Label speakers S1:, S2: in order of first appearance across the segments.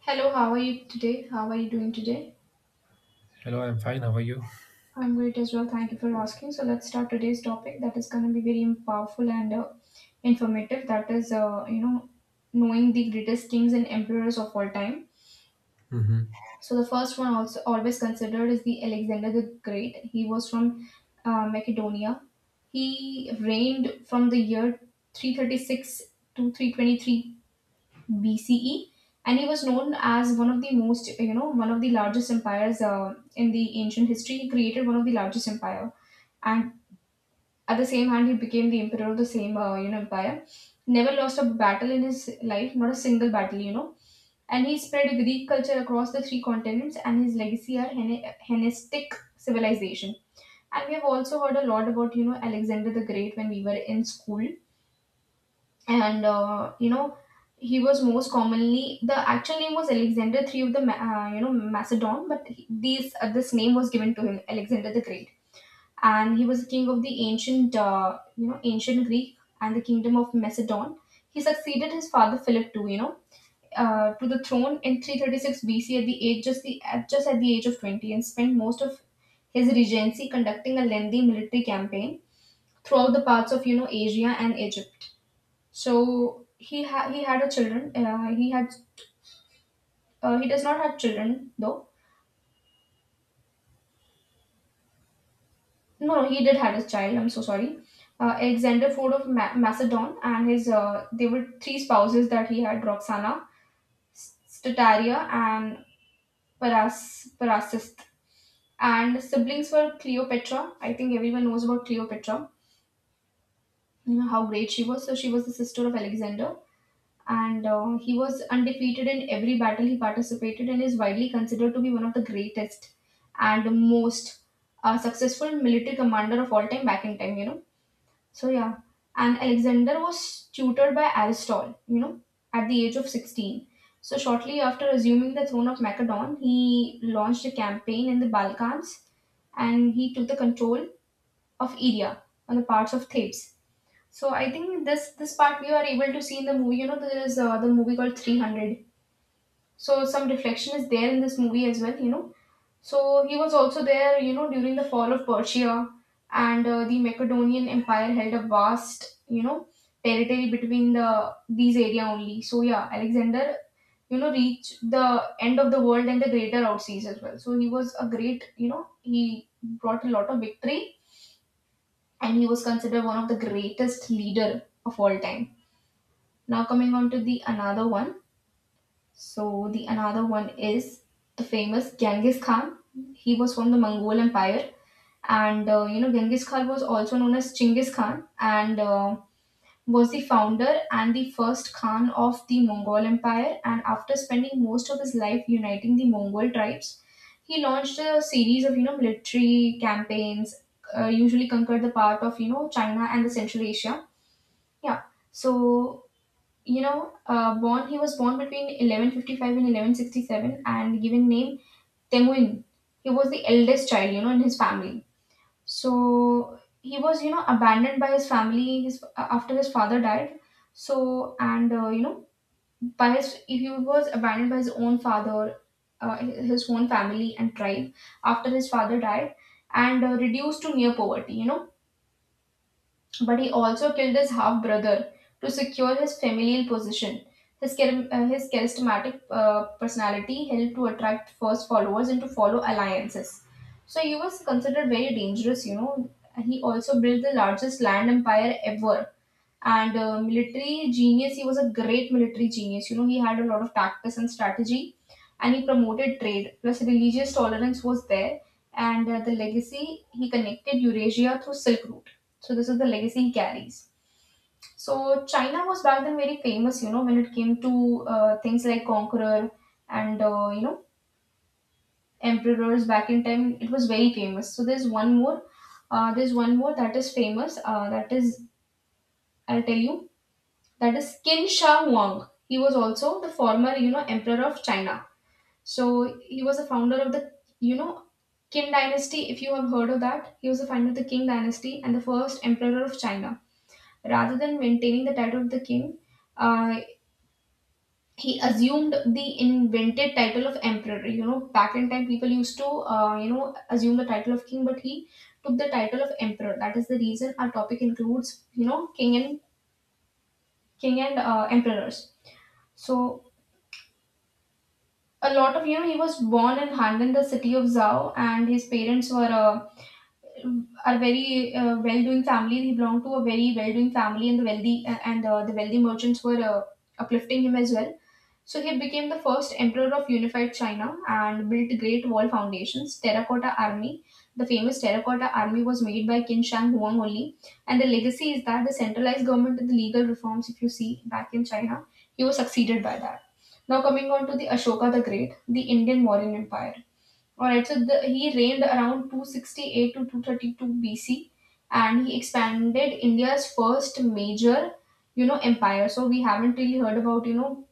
S1: Hello, how are you today? How are you doing today?
S2: Hello, I'm fine. How are you?
S1: I'm great as well. Thank you for asking. So let's start today's topic that is going to be very powerful and informative. That is, you know, Knowing the greatest kings and emperors of all time.
S2: Hmm.
S1: So the first one also always considered is the Alexander the Great. He was from Macedonia. He reigned from the year 336 to 323 BCE, and he was known as one of the most, you know, one of the largest empires in the ancient history. He created one of the largest empire, and at the same hand, he became the emperor of the same, empire. Never lost a battle in his life, not a single battle, you know. And he spread Greek culture across the three continents, and his legacy are Hellenistic civilization. And we have also heard a lot about, you know, Alexander the Great when we were in school and he was most commonly, the actual name was Alexander III of the Macedon, but he, these this name was given to him, Alexander the Great. And he was the king of the ancient ancient Greek and the kingdom of Macedon. He succeeded his father Philip too, you know, to the throne in 336 BC at the age just the just at the age of 20, and spent most of his regency conducting a lengthy military campaign throughout the parts of, you know, Asia and Egypt. So he had a children. He does not have children though. No, no, he did had a child. I'm so sorry. Alexander Ford of Macedon, and his they were three spouses that he had: Roxana, Stateria, and Parasist. And siblings were Cleopatra. I think everyone knows about Cleopatra, you know, how great she was. So she was the sister of Alexander, and he was undefeated in every battle he participated in, is widely considered to be one of the greatest and most successful military commander of all time, back in time, you know. So yeah, and Alexander was tutored by Aristotle, you know, at the age of 16. So shortly after assuming the throne of Macedon, he launched a campaign in the Balkans, and he took the control of Eria, on the parts of Thebes. So I think this part we are able to see in the movie. You know, there is the movie called 300. So some reflection is there in this movie as well, you know. So he was also there, you know, during the fall of Persia. And the Macedonian Empire held a vast, you know, territory between the these area only. So yeah, Alexander, you know, reached the end of the world and the greater outseas as well. So he was a great, you know, he brought a lot of victory, and he was considered one of the greatest leader of all time. Now coming on to the another one. So the another one is the famous Genghis Khan. He was from the Mongol Empire, and you know, Genghis Khan was also known as Chinggis Khan, and was the founder and the first Khan of the Mongol Empire. And after spending most of his life uniting the Mongol tribes, he launched a series of, you know, military campaigns. Usually conquered the part of, you know, China and the Central Asia. Yeah. So you know, born he was born between 1155 and 1167, and given name Temuin. He was the eldest child, you know, in his family. So he was, you know, abandoned by his family after his father died. So and you know, by his he was abandoned by his own father, his own family and tribe after his father died, and reduced to near poverty, you know. But he also killed his half brother to secure his familial position. His charismatic personality helped to attract first followers and to follow alliances. So he was considered very dangerous, you know. He also built the largest land empire ever, and military genius. He was a great military genius, you know. He had a lot of tactics and strategy, and he promoted trade plus religious tolerance was there. And the legacy, he connected Eurasia through Silk Route. So this is the legacy he carries. So China was back then very famous, you know, when it came to things like conqueror and emperors back in time, it was very famous. So there's one more that is famous, that is I'll tell you, that is Qin Shi Huang. He was also the former, you know, emperor of China. So he was a founder of the, you know, Qin dynasty. If you have heard of that, he was the founder of the Qin dynasty and the first emperor of China. Rather than maintaining the title of the king, uh, he assumed the invented title of emperor. You know, back in time, people used to, assume the title of king, but he took the title of emperor. That is the reason our topic includes, you know, king and emperors. So a lot of, you know, he was born and hung in the city of Zhao, and his parents were are very well-doing family. He belonged to a very well-doing family, and the wealthy merchants were uplifting him as well. So he became the first emperor of unified China and built great wall foundations, terracotta army. The famous terracotta army was made by Qin Shang Huang only. And the legacy is that the centralized government and the legal reforms, if you see back in China, he was succeeded by that. Now coming on to the Ashoka the Great, the Indian Mauryan Empire. Alright, so the, he reigned around 268 to 232 BC, and he expanded India's first major, you know, empire. So we haven't really heard about, you know,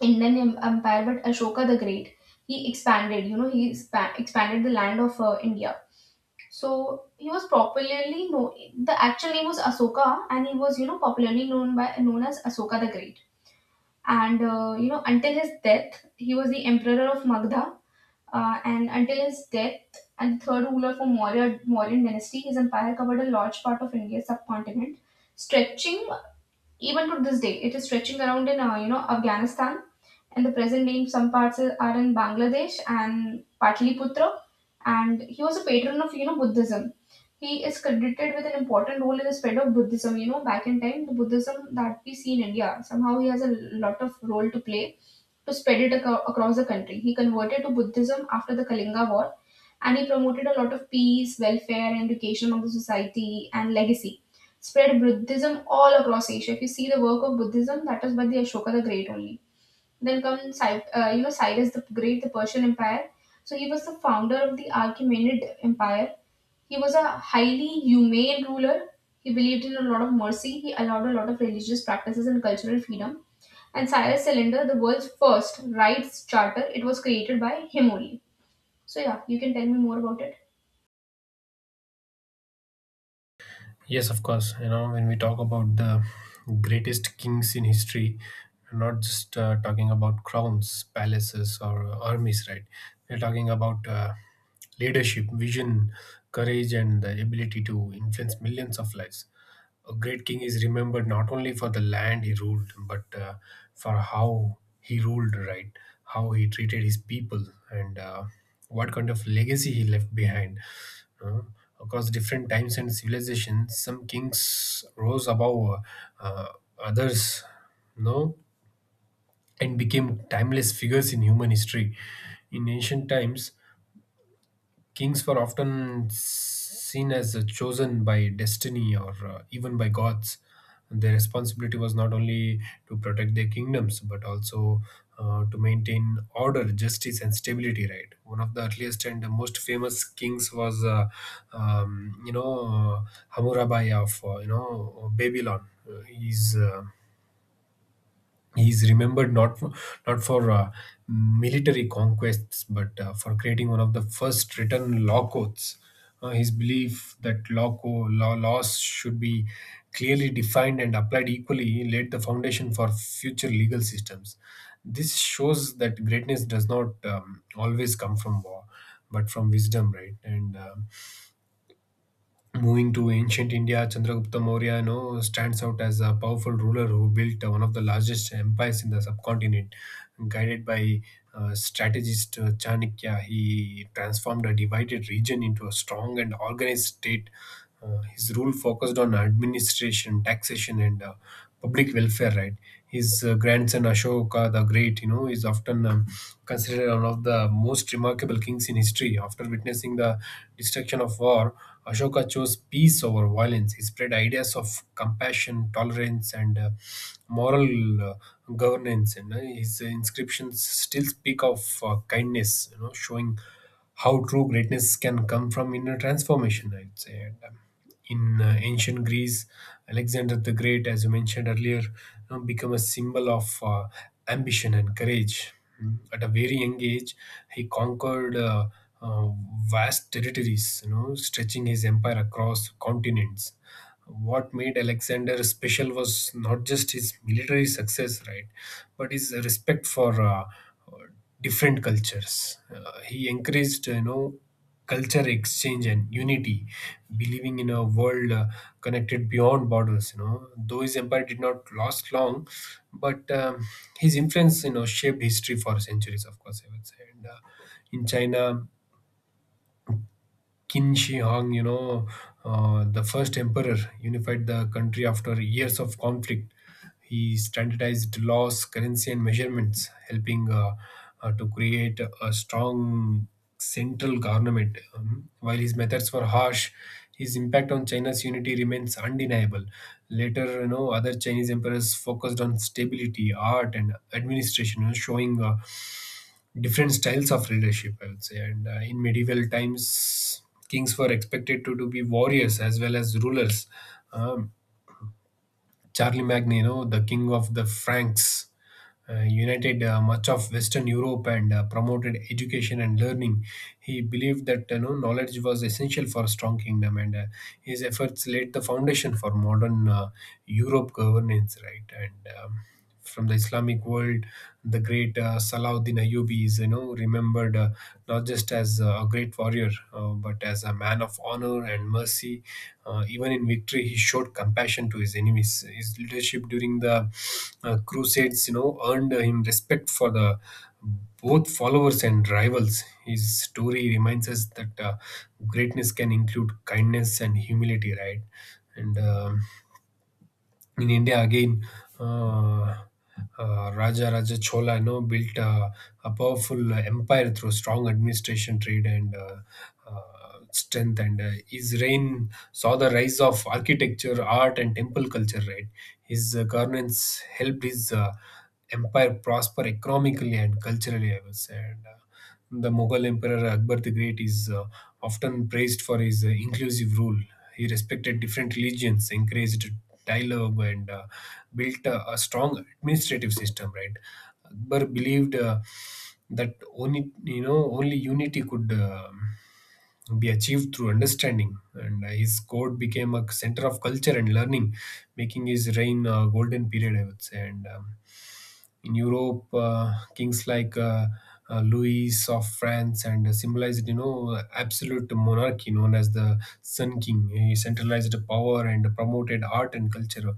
S1: Empire, but Ashoka the Great, he expanded. You know, expanded the land of India. So he was popularly known. The actual name was Asoka, and he was, you know, popularly known by known as Asoka the Great. And you know, until his death, he was the emperor of Magda. And until his death, and third ruler for Mauryan dynasty, his empire covered a large part of India's subcontinent, stretching, even to this day, it is stretching around in, you know, Afghanistan, and the present day some parts are in Bangladesh and Pataliputra. And he was a patron of, you know, Buddhism. He is credited with an important role in the spread of Buddhism. You know, back in time, the Buddhism that we see in India, somehow he has a lot of role to play to spread it across the country. He converted to Buddhism after the Kalinga War, and he promoted a lot of peace, welfare, and education among the society and legacy. Spread Buddhism all across Asia. If you see the work of Buddhism, that is by the Ashoka the Great only. Then comes Cyrus the Great, the Persian Empire. So he was the founder of the Achaemenid Empire. He was a highly humane ruler. He believed in a lot of mercy. He allowed a lot of religious practices and cultural freedom, and Cyrus Cylinder, the world's first rights charter, it was created by him only. So yeah, you can tell me more about it.
S2: Yes, of course. You know, when we talk about the greatest kings in history, we're not just talking about crowns, palaces, or armies, right? We're talking about leadership, vision, courage, and the ability to influence millions of lives. A great king is remembered not only for the land he ruled, but for how he ruled, right? How he treated his people and what kind of legacy he left behind. Uh, across different times and civilizations, some kings rose above uh, others, no, and became timeless figures in human history. In ancient times, kings were often seen as chosen by destiny or even by gods. Their responsibility was not only to protect their kingdoms but also to maintain order, justice, and stability. Right. One of the earliest and the most famous kings was, you know, Hammurabi of you know Babylon. Uh, he's uh, He's remembered not for military conquests, but for creating one of the first written law codes. His belief that law laws should be clearly defined and applied equally laid the foundation for future legal systems. This shows that greatness does not always come from war, but from wisdom, right? And moving to ancient India, Chandragupta Maurya, you know, stands out as a powerful ruler who built one of the largest empires in the subcontinent, guided by strategist Chanakya. He transformed a divided region into a strong and organized state. His rule focused on administration, taxation, and public welfare. Right, his grandson Ashoka the Great, you know, is often considered one of the most remarkable kings in history. After witnessing the destruction of war, Ashoka chose peace over violence. He spread ideas of compassion, tolerance, and moral governance, and his inscriptions still speak of kindness, you know, showing how true greatness can come from inner transformation, I'd say. And, in ancient Greece, Alexander the Great, as you mentioned earlier, you know, become a symbol of ambition and courage. Mm. At a very young age, he conquered uh, vast territories, you know, stretching his empire across continents. What made Alexander special was not just his military success, right, but his respect for different cultures. He encouraged, you know, culture exchange and unity, believing in a world connected beyond borders. You know, though his empire did not last long, but his influence, you know, shaped history for centuries. Of course, I would say. And in China, Qin Shi Huang, you know, the first emperor, unified the country after years of conflict. He standardized laws, currency, and measurements, helping to create a strong central government. While his methods were harsh, his impact on China's unity remains undeniable. Later, you know, other Chinese emperors focused on stability, art, and administration, you know, showing different styles of leadership, I would say. And in medieval times, kings were expected to be warriors as well as rulers. Um, Charlie Magny, you know, the king of the Franks, united much of Western Europe and promoted education and learning. He believed that, you know, knowledge was essential for a strong kingdom, and his efforts laid the foundation for modern Europe governance. Right. And from the Islamic world, the great Salahuddin Ayyubi is, you know, remembered not just as a great warrior, but as a man of honor and mercy. Even in victory, he showed compassion to his enemies. His leadership during the Crusades, you know, earned him respect for the both followers and rivals. His story reminds us that greatness can include kindness and humility, right? And in India again, uh, Raja Raja Chola, you know, built a powerful empire through strong administration, trade, and strength. And his reign saw the rise of architecture, art, and temple culture. Right, his governance helped his empire prosper economically and culturally, I would say. The Mughal Emperor Akbar the Great is often praised for his inclusive rule. He respected different religions, encouraged dialogue, and built a strong administrative system. Right. Akbar believed that only you know only unity could be achieved through understanding, and his court became a center of culture and learning, making his reign a golden period, I would say. And in Europe, kings like Louis of France and symbolized, you know, absolute monarchy known as the Sun King. He centralized power and promoted art and culture.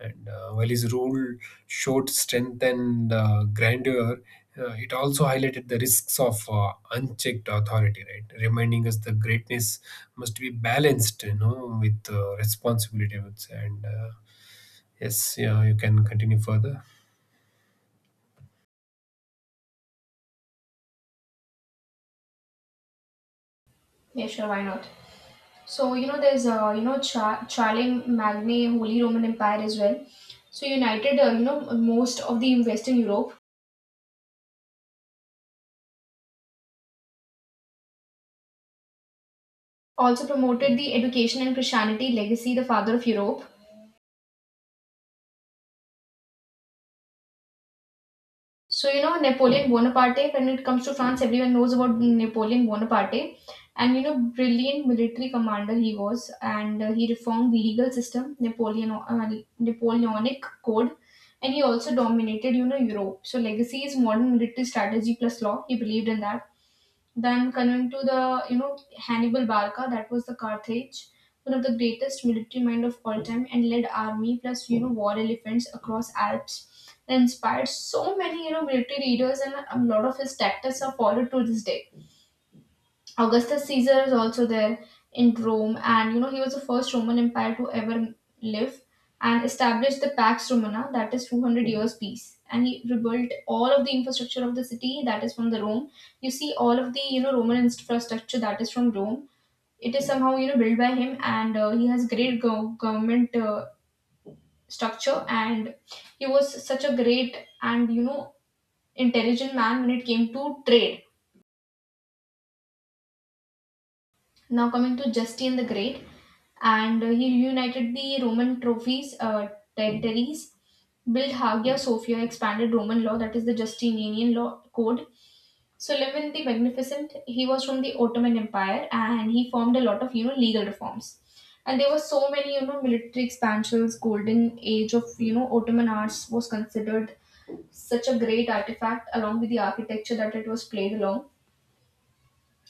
S2: And while his rule showed strength and grandeur, it also highlighted the risks of unchecked authority, right? Reminding us the greatness must be balanced, you know, with responsibility, I would say. And yes, yeah, you can continue further.
S1: Yeah, sure, why not? So you know, there's you know Cha- Charlemagne Magne Holy Roman Empire as well. So united you know, most of the Western Europe. Also promoted the education and Christianity legacy, the father of Europe. So, you know, Napoleon Bonaparte, when it comes to France, everyone knows about Napoleon Bonaparte. And, you know, brilliant military commander he was. And he reformed the legal system, Napoleon, Napoleonic Code. And he also dominated, you know, Europe. So, legacy is modern military strategy plus law. He believed in that. Then coming to the, you know, Hannibal Barca, that was the Carthage, one of the greatest military mind of all time, and led army plus, you know, war elephants across Alps. That inspired so many, you know, military leaders, and a lot of his tactics are followed to this day. Augustus Caesar is also there in Rome, and you know, he was the first Roman Empire to ever live, and established the Pax Romana, that is 200 years peace. And he rebuilt all of the infrastructure of the city, that is from the Rome. You see all of the Roman infrastructure that is from Rome. It is somehow built by him, and he has great government structure, and he was such a great and intelligent man when it came to trade. Now coming to Justine the Great, and he reunited the Roman trophies, territories, built Hagia Sophia, expanded Roman law, that is the Justinian law code. Suleiman the Magnificent, he was from the Ottoman Empire, and he formed a lot of legal reforms. And there were so many military expansions. Golden age of Ottoman arts was considered such a great artifact, along with the architecture that it was played along,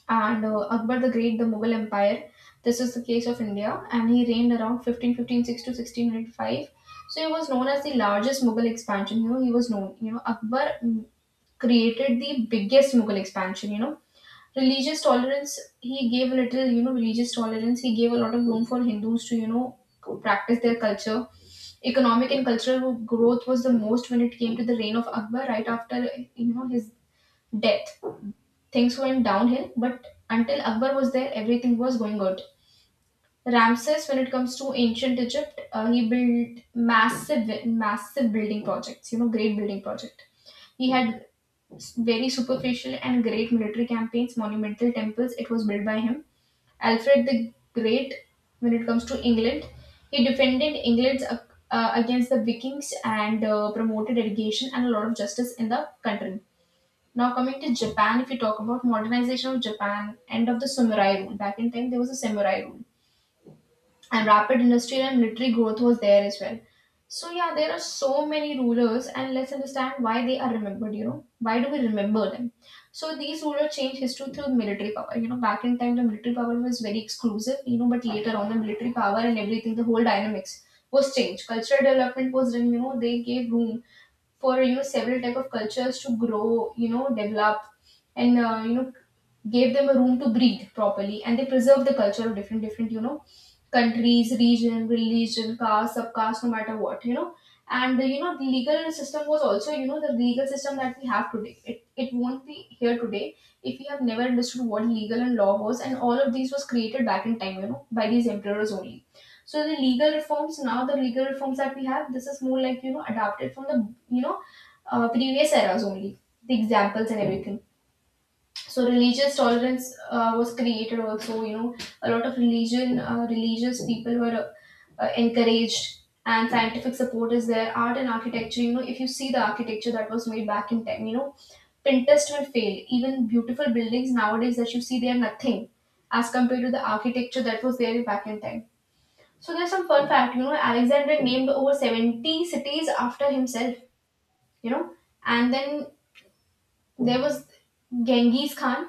S1: and Akbar the Great, the Mughal Empire. This is the case of India, and he reigned around fifteen fifteen six to 1605. So he was known as the largest Mughal expansion. He was known. Akbar created the biggest Mughal expansion. Religious tolerance. He gave little. Religious tolerance. He gave a lot of room for Hindus to practice their culture. Economic and cultural growth was the most when it came to the reign of Akbar. Right after his death, things went downhill, but until Akbar was there, everything was going good. Ramses, when it comes to ancient Egypt, he built massive, massive building projects. Great building project. He had very superficial and great military campaigns, monumental temples. It was built by him. Alfred the Great, when it comes to England, he defended England against the Vikings and promoted education and a lot of justice in the country. Now coming to Japan, if you talk about modernization of Japan, end of the samurai rule. Back in time, there was a samurai rule, and rapid industrial and military growth was there as well. So yeah, there are so many rulers, and let's understand why they are remembered. Why do we remember them? So these rulers changed history through military power. Back in time, the military power was very exclusive. But later on, the military power and everything, the whole dynamics was changed. Cultural development was done. They gave room for several type of cultures to grow, develop, and gave them a room to breathe properly, and they preserve the culture of different different countries, region, religion, caste, subcaste, no matter what. The legal system was also the legal system that we have today. It won't be here today if we have never understood what legal and law was, and all of these was created back in time, by these emperors only. So the legal reforms now, the legal reforms that we have, this is more like adapted from the you know previous eras only, the examples and everything. So religious tolerance was created also. A lot of religion, religious people were encouraged, and scientific support is there. Art and architecture, if you see the architecture that was made back in time, Pinterest will fail. Even beautiful buildings nowadays that you see, they are nothing as compared to the architecture that was there back in time. So there's some fun fact, Alexander named over 70 cities after himself, you know, and then there was Genghis Khan,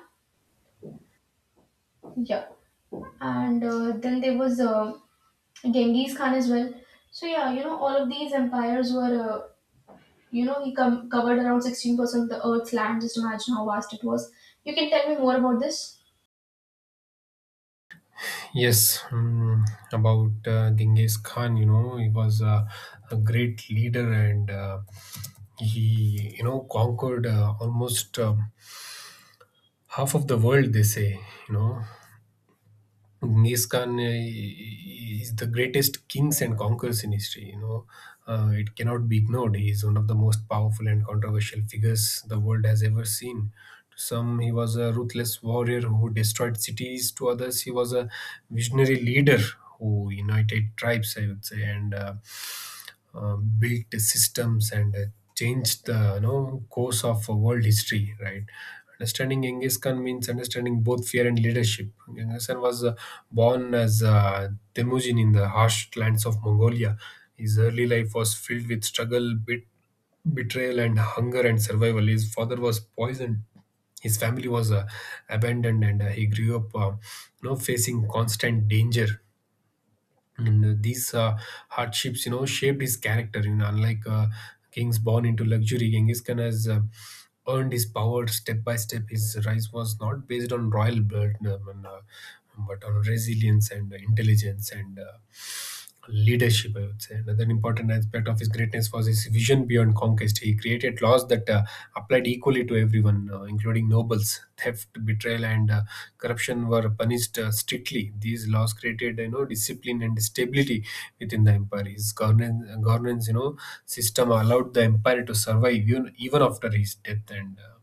S1: yeah, and then there was Genghis Khan as well. So yeah, all of these empires were, uh, he covered around 16% of the earth's land. Just imagine how vast it was. You can tell me more about this.
S2: Yes, about Genghis Khan, you know, he was a great leader, and he, you know, conquered almost half of the world, they say, you know. Genghis Khan is the greatest kings and conquerors in history, you know. It cannot be ignored. He is one of the most powerful and controversial figures the world has ever seen. To some, he was a ruthless warrior who destroyed cities. To others, he was a visionary leader who united tribes, I would say. And built systems, and changed the, you know, course of world history, right? Understanding Genghis Khan means understanding both fear and leadership. Genghis Khan was born as Temujin in the harsh lands of Mongolia. His early life was filled with struggle, betrayal, and hunger and survival. His father was poisoned, his family was abandoned, and he grew up, you know, facing constant danger. And these hardships, you know, shaped his character. You know, unlike kings born into luxury, Genghis Khan has earned his power step by step. His rise was not based on royal blood, but on resilience and intelligence and leadership, I would say. Another important aspect of his greatness was his vision beyond conquest. He created laws that applied equally to everyone, including nobles. Theft, betrayal, and corruption were punished strictly. These laws created, you know, discipline and stability within the empire. His governance, you know, system allowed the empire to survive even after his death. and. Uh,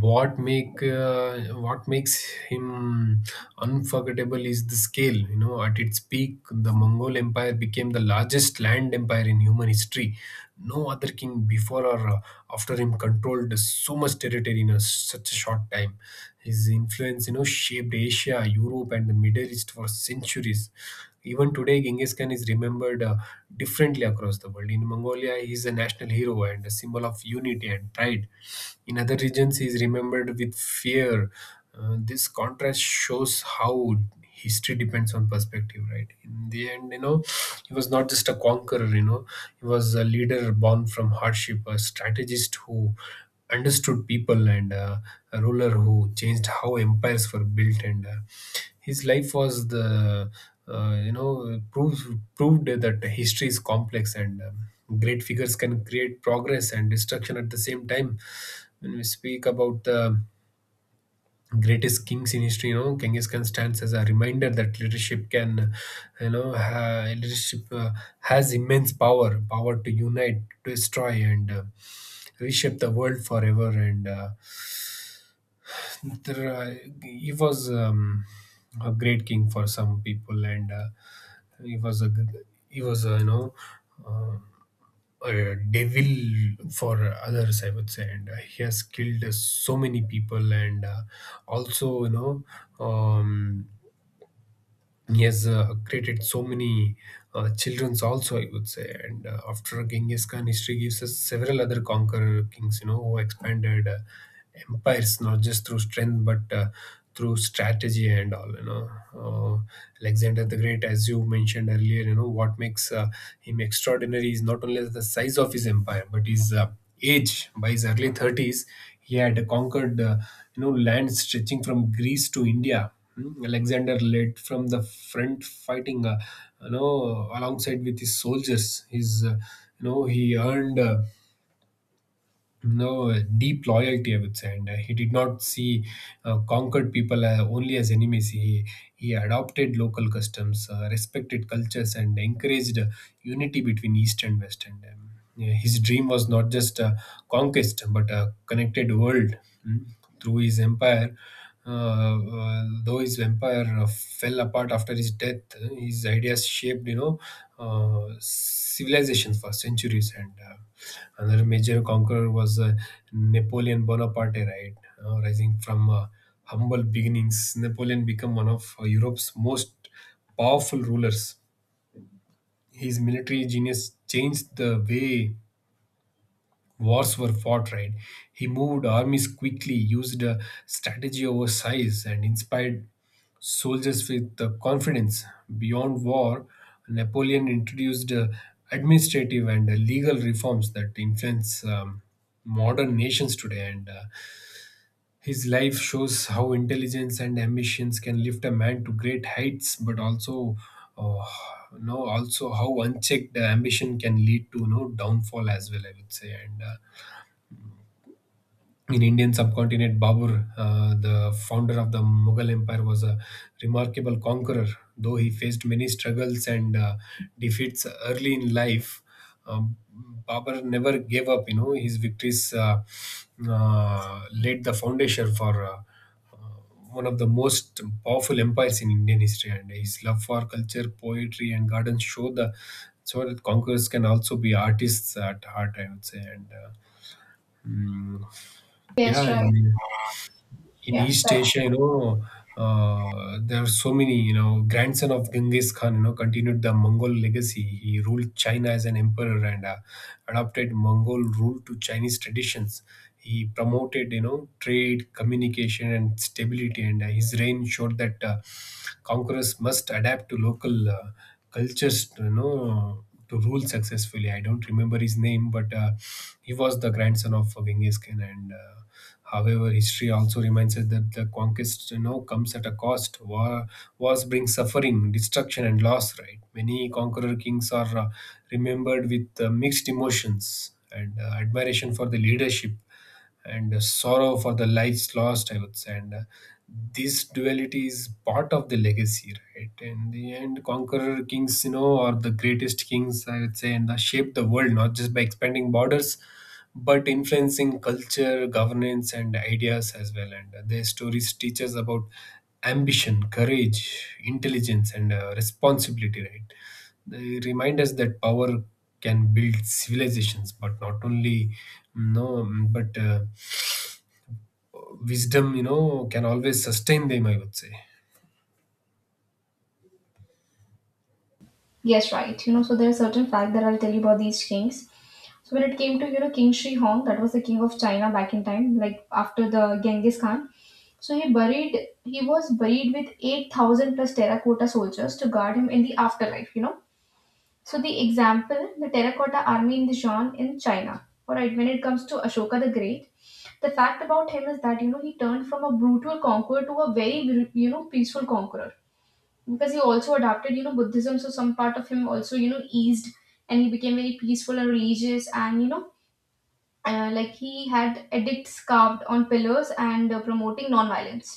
S2: what make uh, what makes him unforgettable is the scale. You know, at its peak the Mongol Empire became the largest land empire in human history. No other king before or after him controlled so much territory in such a short time. His influence, you know, shaped Asia, Europe and the Middle East for centuries. Even today, Genghis Khan is remembered differently across the world. In Mongolia, he is a national hero and a symbol of unity and pride. In other regions, he is remembered with fear. This contrast shows how history depends on perspective, right? In the end, you know, he was not just a conqueror, you know, he was a leader born from hardship, a strategist who understood people, and a ruler who changed how empires were built. And uh, his life was the you know proves proved that history is complex, and great figures can create progress and destruction at the same time. When we speak about the greatest kings in history, you know, Genghis Khan stands as a reminder that leadership can you know ha- leadership has immense power to unite, destroy, and reshape the world forever. And there, uh, he was a great king for some people, and he was a you know, uh, a devil for others, I would say. And he has killed so many people, and also, you know. Um, he has created so many childrens also, I would say. And after Genghis Khan, history gives us several other conqueror kings, you know, who expanded empires not just through strength but through strategy and all, you know. Uh, alexander the Great, as you mentioned earlier, you know, what makes him extraordinary is not only the size of his empire but his age. By his early 30s, he had conquered you know lands stretching from Greece to India. Hmm, Alexander led from the front, fighting you know alongside with his soldiers. His you know he earned no deep loyalty, I would say. And he did not see conquered people only as enemies. He adopted local customs, respected cultures, and encouraged unity between East and West. And yeah, his dream was not just conquest, but a connected world. Mm. Through his empire, though his empire fell apart after his death, his ideas shaped, you know, civilizations for centuries. And. Uh, Another major conqueror was Napoleon Bonaparte, right? Rising from humble beginnings, Napoleon became one of Europe's most powerful rulers. His military genius changed the way wars were fought, right? He moved armies quickly, used strategy over size, and inspired soldiers with confidence. Beyond war, Napoleon introduced administrative and legal reforms that influence modern nations today. And his life shows how intelligence and ambitions can lift a man to great heights, but also, uh, you know, also how unchecked ambition can lead to, you know, downfall as well, I would say. And in Indian subcontinent, Babur, the founder of the Mughal Empire, was a remarkable conqueror. Though he faced many struggles and defeats early in life, um, Babur never gave up. You know, his victories laid the foundation for uh, one of the most powerful empires in Indian history. And his love for culture, poetry, and gardens show the so that conquerors can also be artists at heart, I would say. And mm,
S1: Yes,
S2: yeah,
S1: right.
S2: in
S1: Yeah,
S2: East
S1: right.
S2: Asia, you know, there are so many, you know, grandson of Genghis Khan, you know, continued the Mongol legacy. He ruled China as an emperor and adopted Mongol rule to Chinese traditions. He promoted, you know, trade, communication, and stability, and his reign showed that conquerors must adapt to local cultures, you know, to rule successfully. I don't remember his name, but he was the grandson of Genghis Khan. And. Uh, However, history also reminds us that the conquest, you know, comes at a cost. Wars bring suffering, destruction, and loss, right? Many conqueror kings are remembered with mixed emotions and admiration for the leadership and sorrow for the lives lost, I would say. And this duality is part of the legacy, right? In the end, conqueror kings, you know, are the greatest kings, I would say, and shape the world not just by expanding borders, but influencing culture, governance, and ideas as well. And their stories teach us about ambition, courage, intelligence, and responsibility, right? They remind us that power can build civilizations, but no, but uh, wisdom, you know, can always sustain them, I would say.
S1: Yes, right. So there are certain fact that I'll tell you about these kings. So when it came to King Shi Hong, that was the king of China back in time, like after the Genghis Khan. So he was buried with 8,000 plus terracotta soldiers to guard him in the afterlife. So the example, the terracotta army in the Zhuan in China. All right. When it comes to Ashoka the Great, the fact about him is that he turned from a brutal conqueror to a very peaceful conqueror, because he also adopted buddhism, so some part of him also eased, and he became very peaceful and religious, and like he had edicts carved on pillars and promoting non-violence.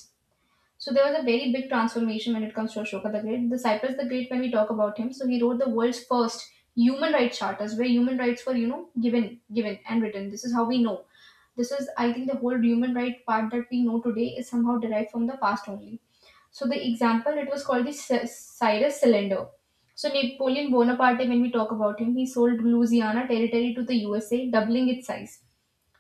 S1: So there was a very big transformation when it comes to Ashoka the Great. The Cyprus the Great, when we talk about him, so he wrote the world's first human rights charters, where human rights were given and written. This is how we know. This is, I think, the whole human right part that we know today is somehow derived from the past only. So the example, it was called the Cyrus Cylinder. So Napoleon Bonaparte, when we talk about him, he sold Louisiana territory to the USA, doubling its size.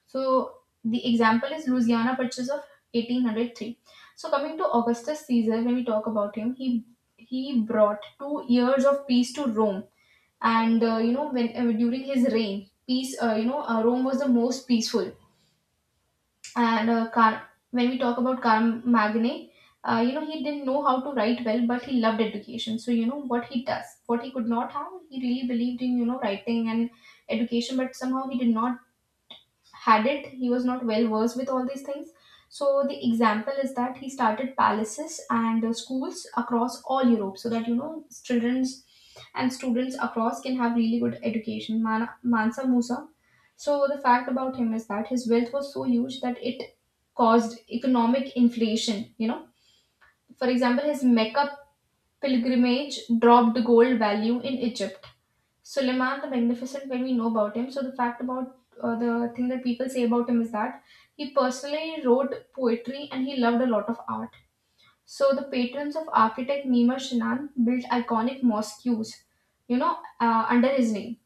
S1: So the example is Louisiana Purchase of 1803. So coming to Augustus Caesar, when we talk about him, he brought 2 years of peace to Rome, and you know when during his reign, peace, Rome was the most peaceful, and uh, Car- when we talk about Carmagne, he didn't know how to write well, but he loved education. So you know what he does, what he could not have, he really believed in writing and education, but somehow he did not had it. He was not well versed with all these things. So the example is that he started palaces and schools across all Europe, so that children's and students across can have really good education. Mansa Musa, so the fact about him is that his wealth was so huge that it caused economic inflation, for example his Mecca pilgrimage dropped gold value in Egypt. Suleiman the Magnificent, when we know about him, so the fact about the thing that people say about him is that he personally wrote poetry and he loved a lot of art. So the patrons of architect Nima Shinan built iconic mosques, under his name.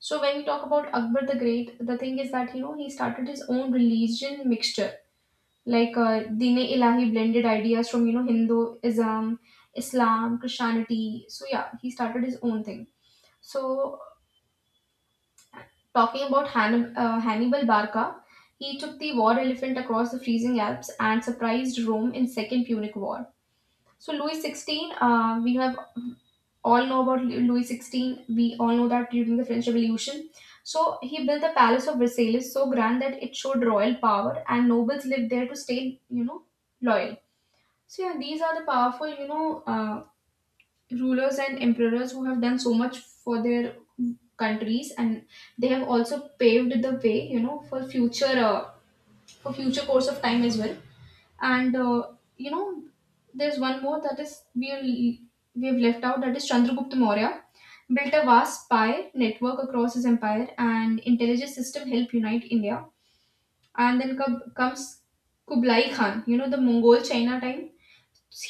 S1: So when we talk about Akbar the Great, the thing is that he started his own religion mixture, like Dine Ilahi, blended ideas from Hinduism, Islam, Christianity. So yeah, he started his own thing. So talking about Hannibal Barca, he took the war elephant across the freezing Alps and surprised Rome in Second Punic War. So Louis XVI, we have all know about Louis XVI. We all know that during the French Revolution. So he built the Palace of Versailles so grand that it showed royal power and nobles lived there to stay, loyal. So yeah, these are the powerful, rulers and emperors who have done so much for their countries, and they have also paved the way for future course of time as well, and you know there's one more that is we have left out, that is Chandragupta Maurya built a vast spy network across his empire, and intelligence system helped unite India. And then comes Kublai Khan, the Mongol China time.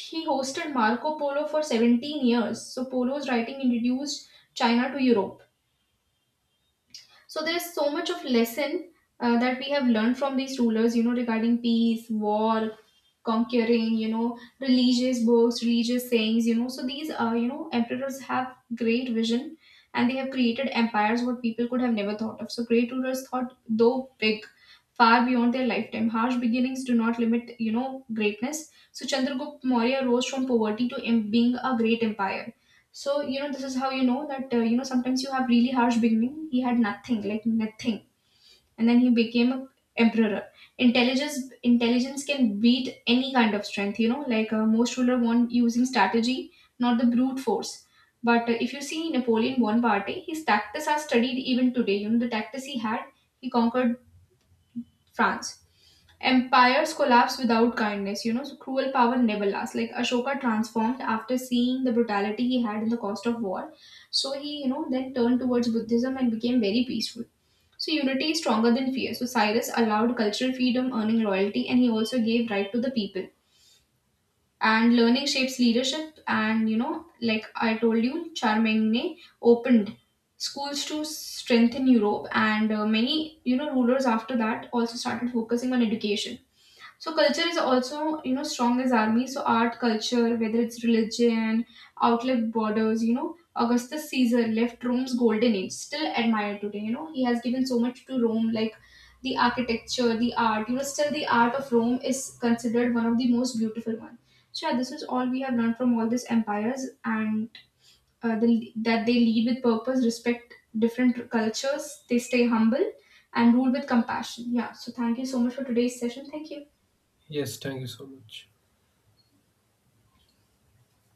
S1: He hosted Marco Polo for 17 years. So Polo's writing introduced China to Europe. So there is so much of lesson that we have learned from these rulers, regarding peace, war, conquering, religious books, religious sayings. So these, emperors have great vision, and they have created empires what people could have never thought of. So great rulers thought, though big, far beyond their lifetime. Harsh beginnings do not limit, greatness. So Chandragupta Maurya rose from poverty to being a great empire. So, this is how you know that, sometimes you have really harsh beginning. He had nothing, like nothing. And then he became a emperor. Intelligence, intelligence can beat any kind of strength, like most ruler won using strategy, not the brute force. But if you see Napoleon Bonaparte, his tactics are studied even today. The tactics he had, he conquered France. Empires collapse without kindness, so cruel power never lasts. Like Ashoka transformed after seeing the brutality he had in the cost of war. So he, then turned towards Buddhism and became very peaceful. So unity is stronger than fear. So Cyrus allowed cultural freedom, earning loyalty, and he also gave right to the people. And learning shapes leadership, and like I told you, Charlemagne opened schools to strengthen Europe, and many, rulers after that also started focusing on education. So culture is also, strong as army. So art, culture, whether it's religion, outlet borders, Augustus Caesar left Rome's golden age, still admired today. He has given so much to Rome, like the architecture, the art. Still the art of Rome is considered one of the most beautiful one. So yeah, this is all we have learned from all these empires, and that they lead with purpose, respect different cultures, they stay humble, and rule with compassion. Yeah. So thank you so much for today's session. Thank you.
S2: Yes, thank you so much.